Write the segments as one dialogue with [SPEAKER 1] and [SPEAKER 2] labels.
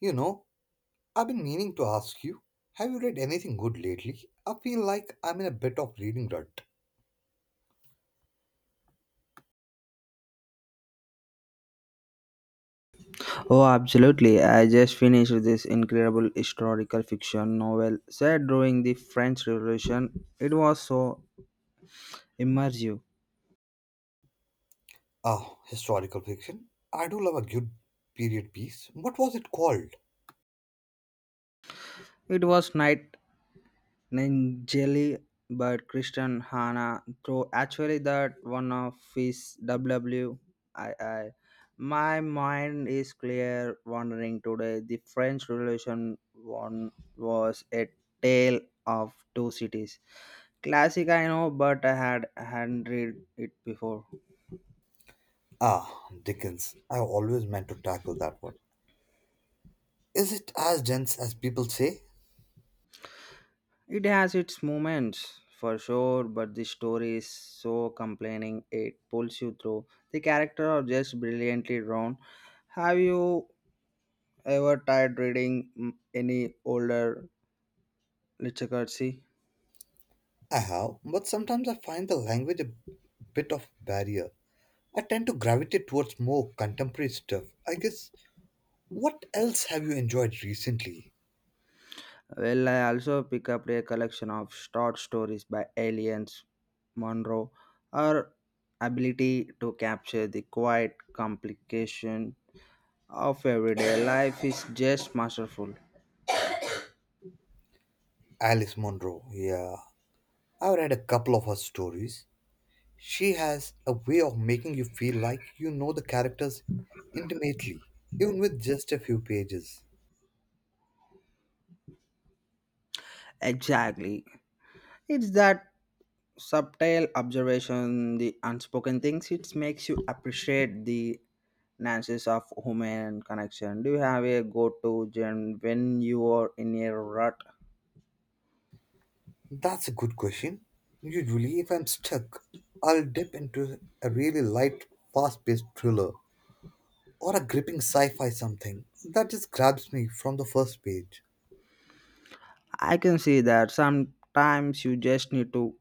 [SPEAKER 1] You know, I've been meaning to ask you, have you read anything good lately? I feel like I'm in a bit of reading rut.
[SPEAKER 2] Oh, absolutely. I just finished this incredible historical fiction novel set during the French Revolution. It was so immersive.
[SPEAKER 1] Ah, historical fiction. I do love a good period piece. What was it called?
[SPEAKER 2] It was night Jelly but Christian Hannah. Through actually that one of his W I. My mind is clear wandering today. The French Revolution one was a tale of two cities. Classic, I know, but I hadn't read it before.
[SPEAKER 1] Ah, Dickens. I always meant to tackle that one. Is it as dense as people say?
[SPEAKER 2] It has its moments for sure, but the story is so complaining it pulls you through. The characters are just brilliantly drawn. Have you ever tried reading any older literature? See,
[SPEAKER 1] I have, but sometimes I find the language a bit of barrier. I tend to gravitate towards more contemporary stuff. I guess. What else have you enjoyed recently?
[SPEAKER 2] well, I also pick up a collection of short stories by Aliens, Monroe, her ability to capture the quiet complication of everyday life is just masterful.
[SPEAKER 1] Alice Munro. Yeah, I've read a couple of her stories. She has a way of making you feel like you know the characters intimately, even with just a few pages.
[SPEAKER 2] Exactly. It's that subtle observation, the unspoken things, it makes you appreciate the nuances of human connection. Do you have a go to gen when you are in a rut?
[SPEAKER 1] That's a good question. Usually, if I'm stuck, I'll dip into a really light, fast paced thriller or a gripping sci fi something that just grabs me from the first page.
[SPEAKER 2] I can see that sometimes you just need to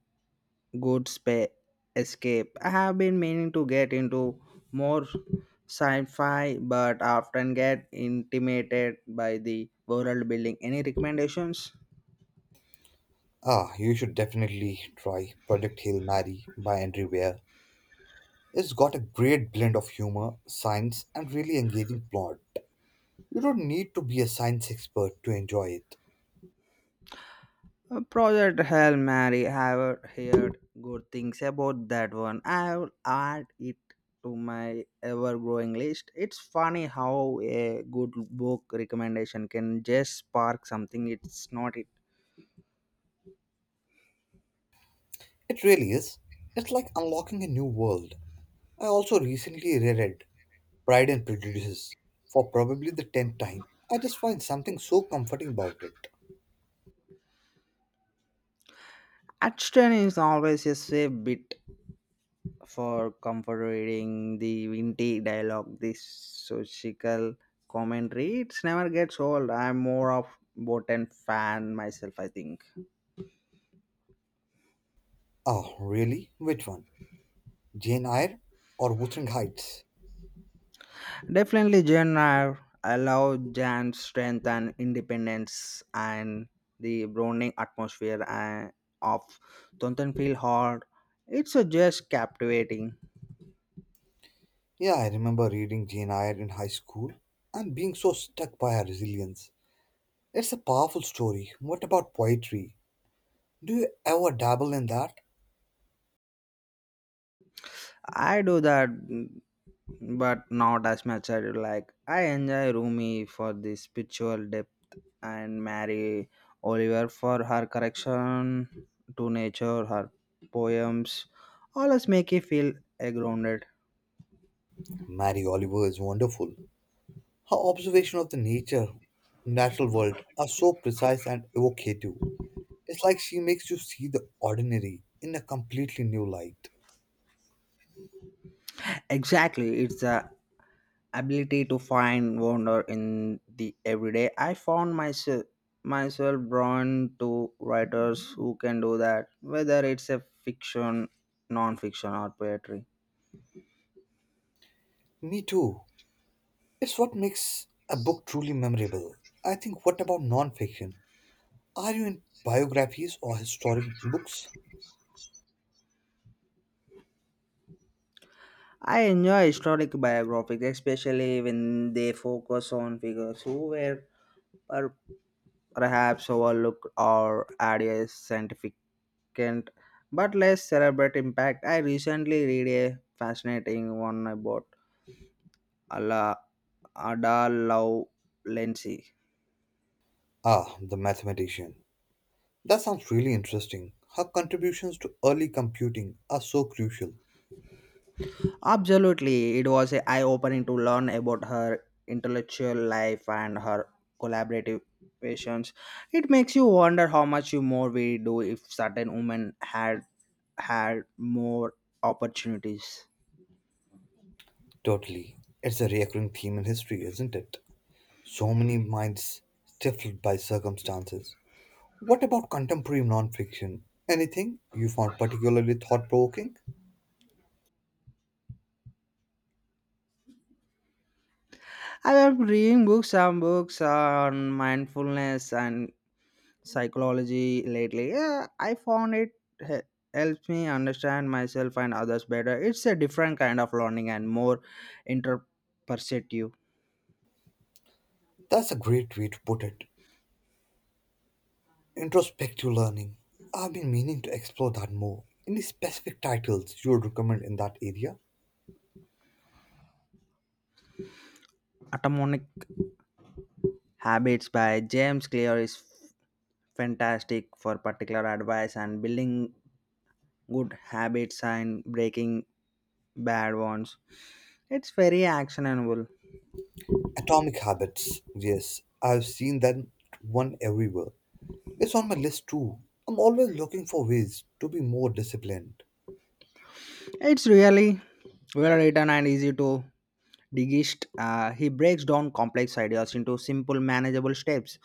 [SPEAKER 2] Good spa- escape. I have been meaning to get into more sci-fi, but often get intimidated by the world building. Any recommendations?
[SPEAKER 1] Ah, you should definitely try Project Hail Mary by Andrew Weir. It's got a great blend of humor, science, and really engaging plot. You don't need to be a science expert to enjoy it.
[SPEAKER 2] Project Hell Mary. I have heard good things about that one. I will add it to my ever-growing list. It's funny how a good book recommendation can just spark something. It's not it.
[SPEAKER 1] It really is. It's like unlocking a new world. I also recently reread Pride and Prejudice for probably the 10th time. I just find something so comforting about it.
[SPEAKER 2] Action is always a safe bit for comforting the witty dialogue, the social commentary. It's never gets old. I'm more of Botan fan myself, I think.
[SPEAKER 1] Oh, really? Which one? Jane Eyre or Wuthering Heights?
[SPEAKER 2] Definitely Jen. I love Jan's strength and independence and the browning atmosphere of Tonton Hall. It's just captivating.
[SPEAKER 1] Yeah, I remember reading Jane Eyre in high school and being so struck by her resilience. It's a powerful story. What about poetry? Do you ever dabble in that?
[SPEAKER 2] I do that but not as much I do like. I enjoy Rumi for the spiritual depth and Mary Oliver for her correction to nature, her poems always make you feel grounded.
[SPEAKER 1] Mary Oliver is wonderful. Her observation of the nature, natural world, are so precise and evocative. It's like she makes you see the ordinary in a completely new light.
[SPEAKER 2] Exactly, it's the ability to find wonder in the everyday. I found myself drawn to writers who can do that, whether it's a fiction, non-fiction, or poetry.
[SPEAKER 1] Me too. It's what makes a book truly memorable. I think, what about non-fiction? Are you in biographies or historic books?
[SPEAKER 2] I enjoy historic biographies, especially when they focus on figures who were per- perhaps overlooked or had a significant but less celebrate impact. I recently read a fascinating one about Ala Ada Love Lindsay.
[SPEAKER 1] Ah, the mathematician. That sounds really interesting. Her contributions to early computing are so crucial.
[SPEAKER 2] Absolutely, it was eye opening to learn about her intellectual life and her collaborative passions. It makes you wonder how much more we do if certain women had more opportunities.
[SPEAKER 1] Totally. It's a recurring theme in history, isn't it? So many minds stifled by circumstances. What about contemporary nonfiction? Anything you found particularly thought provoking?
[SPEAKER 2] I have reading books, some books on mindfulness and psychology lately. Yeah, I found it he- helps me understand myself and others better. It's a different kind of learning and more interperceptive,
[SPEAKER 1] That's a great way to put it. Introspective learning. I've been meaning to explore that more. Any specific titles you would recommend in that area?
[SPEAKER 2] atomic Habits by James Clear is fantastic for particular advice and building good habits and breaking bad ones. It's very actionable.
[SPEAKER 1] Atomic Habits. Yes, I've seen that one everywhere. It's on my list too. I'm always looking for ways to be more disciplined.
[SPEAKER 2] It's really well written and easy to digest. He breaks down complex ideas into simple, manageable steps.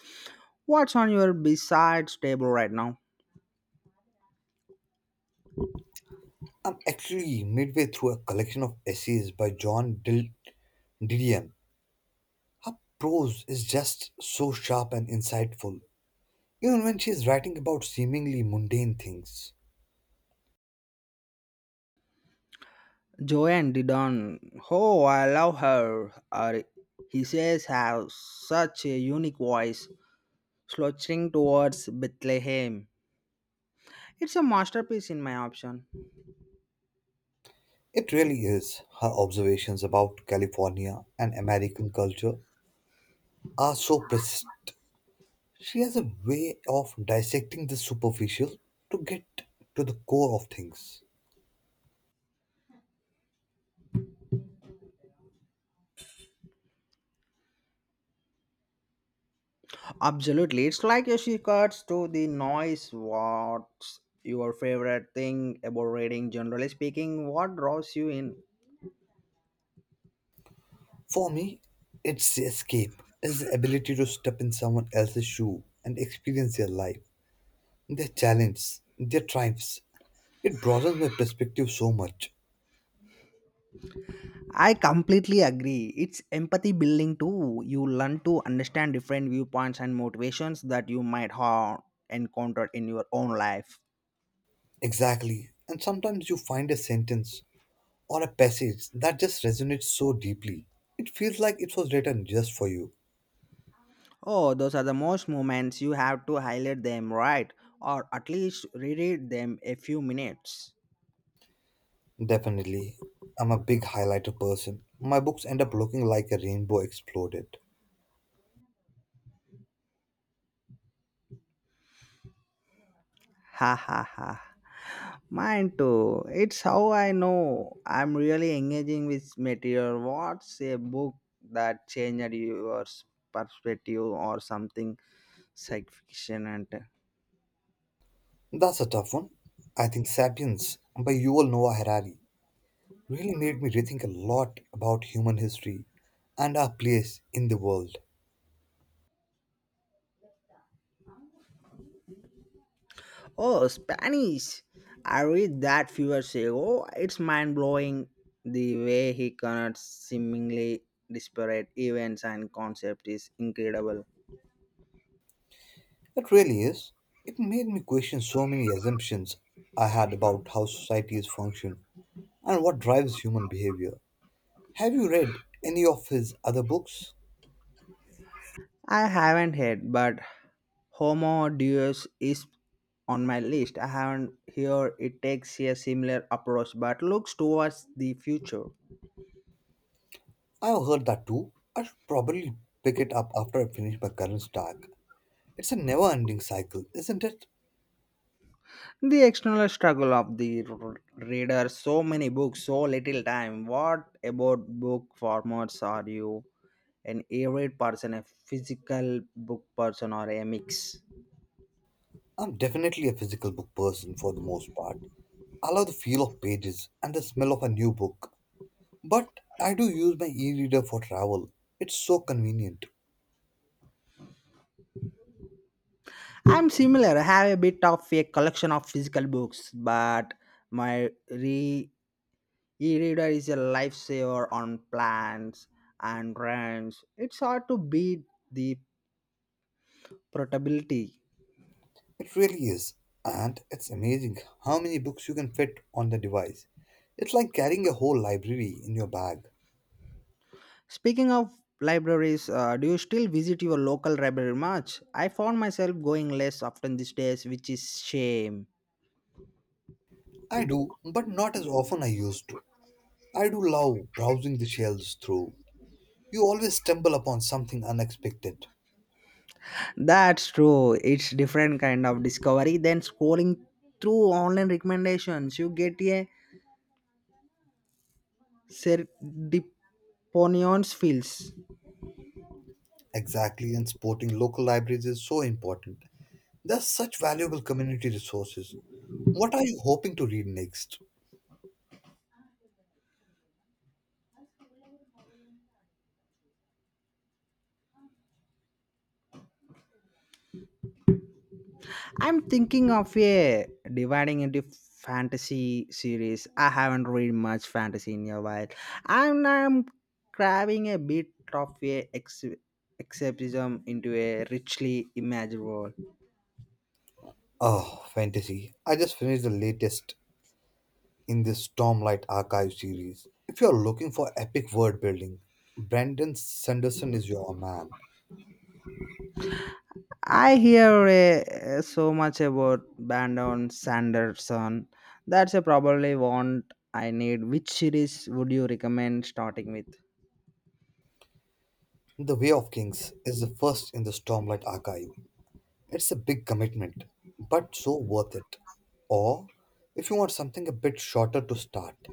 [SPEAKER 2] What's on your besides table right now?
[SPEAKER 1] I'm actually midway through a collection of essays by Didion. Her prose is just so sharp and insightful, even when she's writing about seemingly mundane things.
[SPEAKER 2] Joanne Didon, oh, I love her. He says, have such a unique voice. Slouching towards Bethlehem. It's a masterpiece in my option.
[SPEAKER 1] It really is. Her observations about California and American culture are so prescient. She has a way of dissecting the superficial to get to the core of things.
[SPEAKER 2] Absolutely. It's like a shortcut to the noise. What's your favorite thing about reading? Generally speaking, what draws you in?
[SPEAKER 1] For me, it's the escape, it's the ability to step in someone else's shoe and experience their life, their challenge, their triumphs. It broadens my perspective so much.
[SPEAKER 2] I completely agree. It's empathy building too. You learn to understand different viewpoints and motivations that you might have encountered in your own life.
[SPEAKER 1] Exactly. And sometimes you find a sentence or a passage that just resonates so deeply. It feels like it was written just for you.
[SPEAKER 2] Oh, those are the most moments you have to highlight them, right? Or at least reread them a few minutes.
[SPEAKER 1] Definitely. I'm a big highlighter person. My books end up looking like a rainbow exploded.
[SPEAKER 2] Ha ha ha. Mine too. It's how I know I'm really engaging with material. What's a book that changed your perspective or something science fiction and
[SPEAKER 1] That's a tough one. I think Sapiens by Yuval Noah Harari really made me rethink a lot about human history and our place in the world.
[SPEAKER 2] oh Spanish. I read that few years ago. It's mind blowing the way he connects seemingly disparate events and concepts is incredible.
[SPEAKER 1] It really is. It made me question so many assumptions I had about how societies function and what drives human behavior. Have you read any of his other books?
[SPEAKER 2] I haven't heard, but Homo Deus is on my list. I haven't heard it takes a similar approach, but looks towards the future.
[SPEAKER 1] I have heard that too. I should probably pick it up after I finish my current stack. It's a never ending cycle, isn't it?
[SPEAKER 2] The external struggle of the reader, so many books, so little time. What about book formats? Are you an e-read person, a physical book person, or a mix?
[SPEAKER 1] I'm definitely a physical book person for the most part. I love the feel of pages and the smell of a new book. But I do use my e reader for travel. It's so convenient.
[SPEAKER 2] I'm similar. I have a bit of a collection of physical books, but my re E-reader is a lifesaver on plans and runs. It's hard to beat the portability.
[SPEAKER 1] It really is. And it's amazing how many books you can fit on the device. It's like carrying a whole library in your bag.
[SPEAKER 2] Speaking of libraries, do you still visit your local library much? I found myself going less often these days, which is shame.
[SPEAKER 1] I do, but not as often I used to. I do love browsing the shelves through. You always stumble upon something unexpected.
[SPEAKER 2] That's true. It's different kind of discovery than scrolling through online recommendations. You get a serendiponions feels.
[SPEAKER 1] Exactly, and supporting local libraries is so important. They're such valuable community resources. What are you hoping to read next?
[SPEAKER 2] I'm thinking of a dividing into fantasy series. I haven't read much fantasy in a while. I'm craving a bit of a escapism into a richly imagined world.
[SPEAKER 1] Oh, fantasy. I just finished the latest in this Stormlight Archive series. If you're looking for epic world building, Brandon Sanderson is your man.
[SPEAKER 2] I hear so much about Brandon Sanderson. That's a probably one I need. Which series would you recommend starting with?
[SPEAKER 1] The Way of Kings is the first in the Stormlight Archive. It's a big commitment, but so worth it. Or, if you want something a bit shorter to start,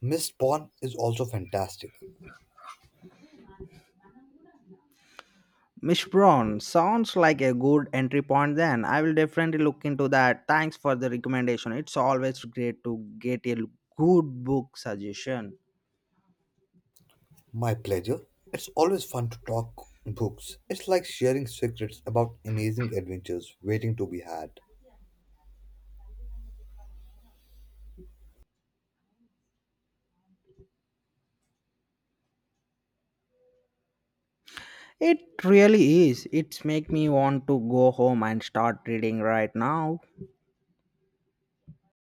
[SPEAKER 1] Mist Pawn is also fantastic.
[SPEAKER 2] Miss Brown sounds like a good entry point then. I will definitely look into that. Thanks for the recommendation. It's always great to get a good book suggestion.
[SPEAKER 1] My pleasure. It's always fun to talk books. It's like sharing secrets about amazing adventures waiting to be had.
[SPEAKER 2] It really is. It's make me want to go home and start reading right now.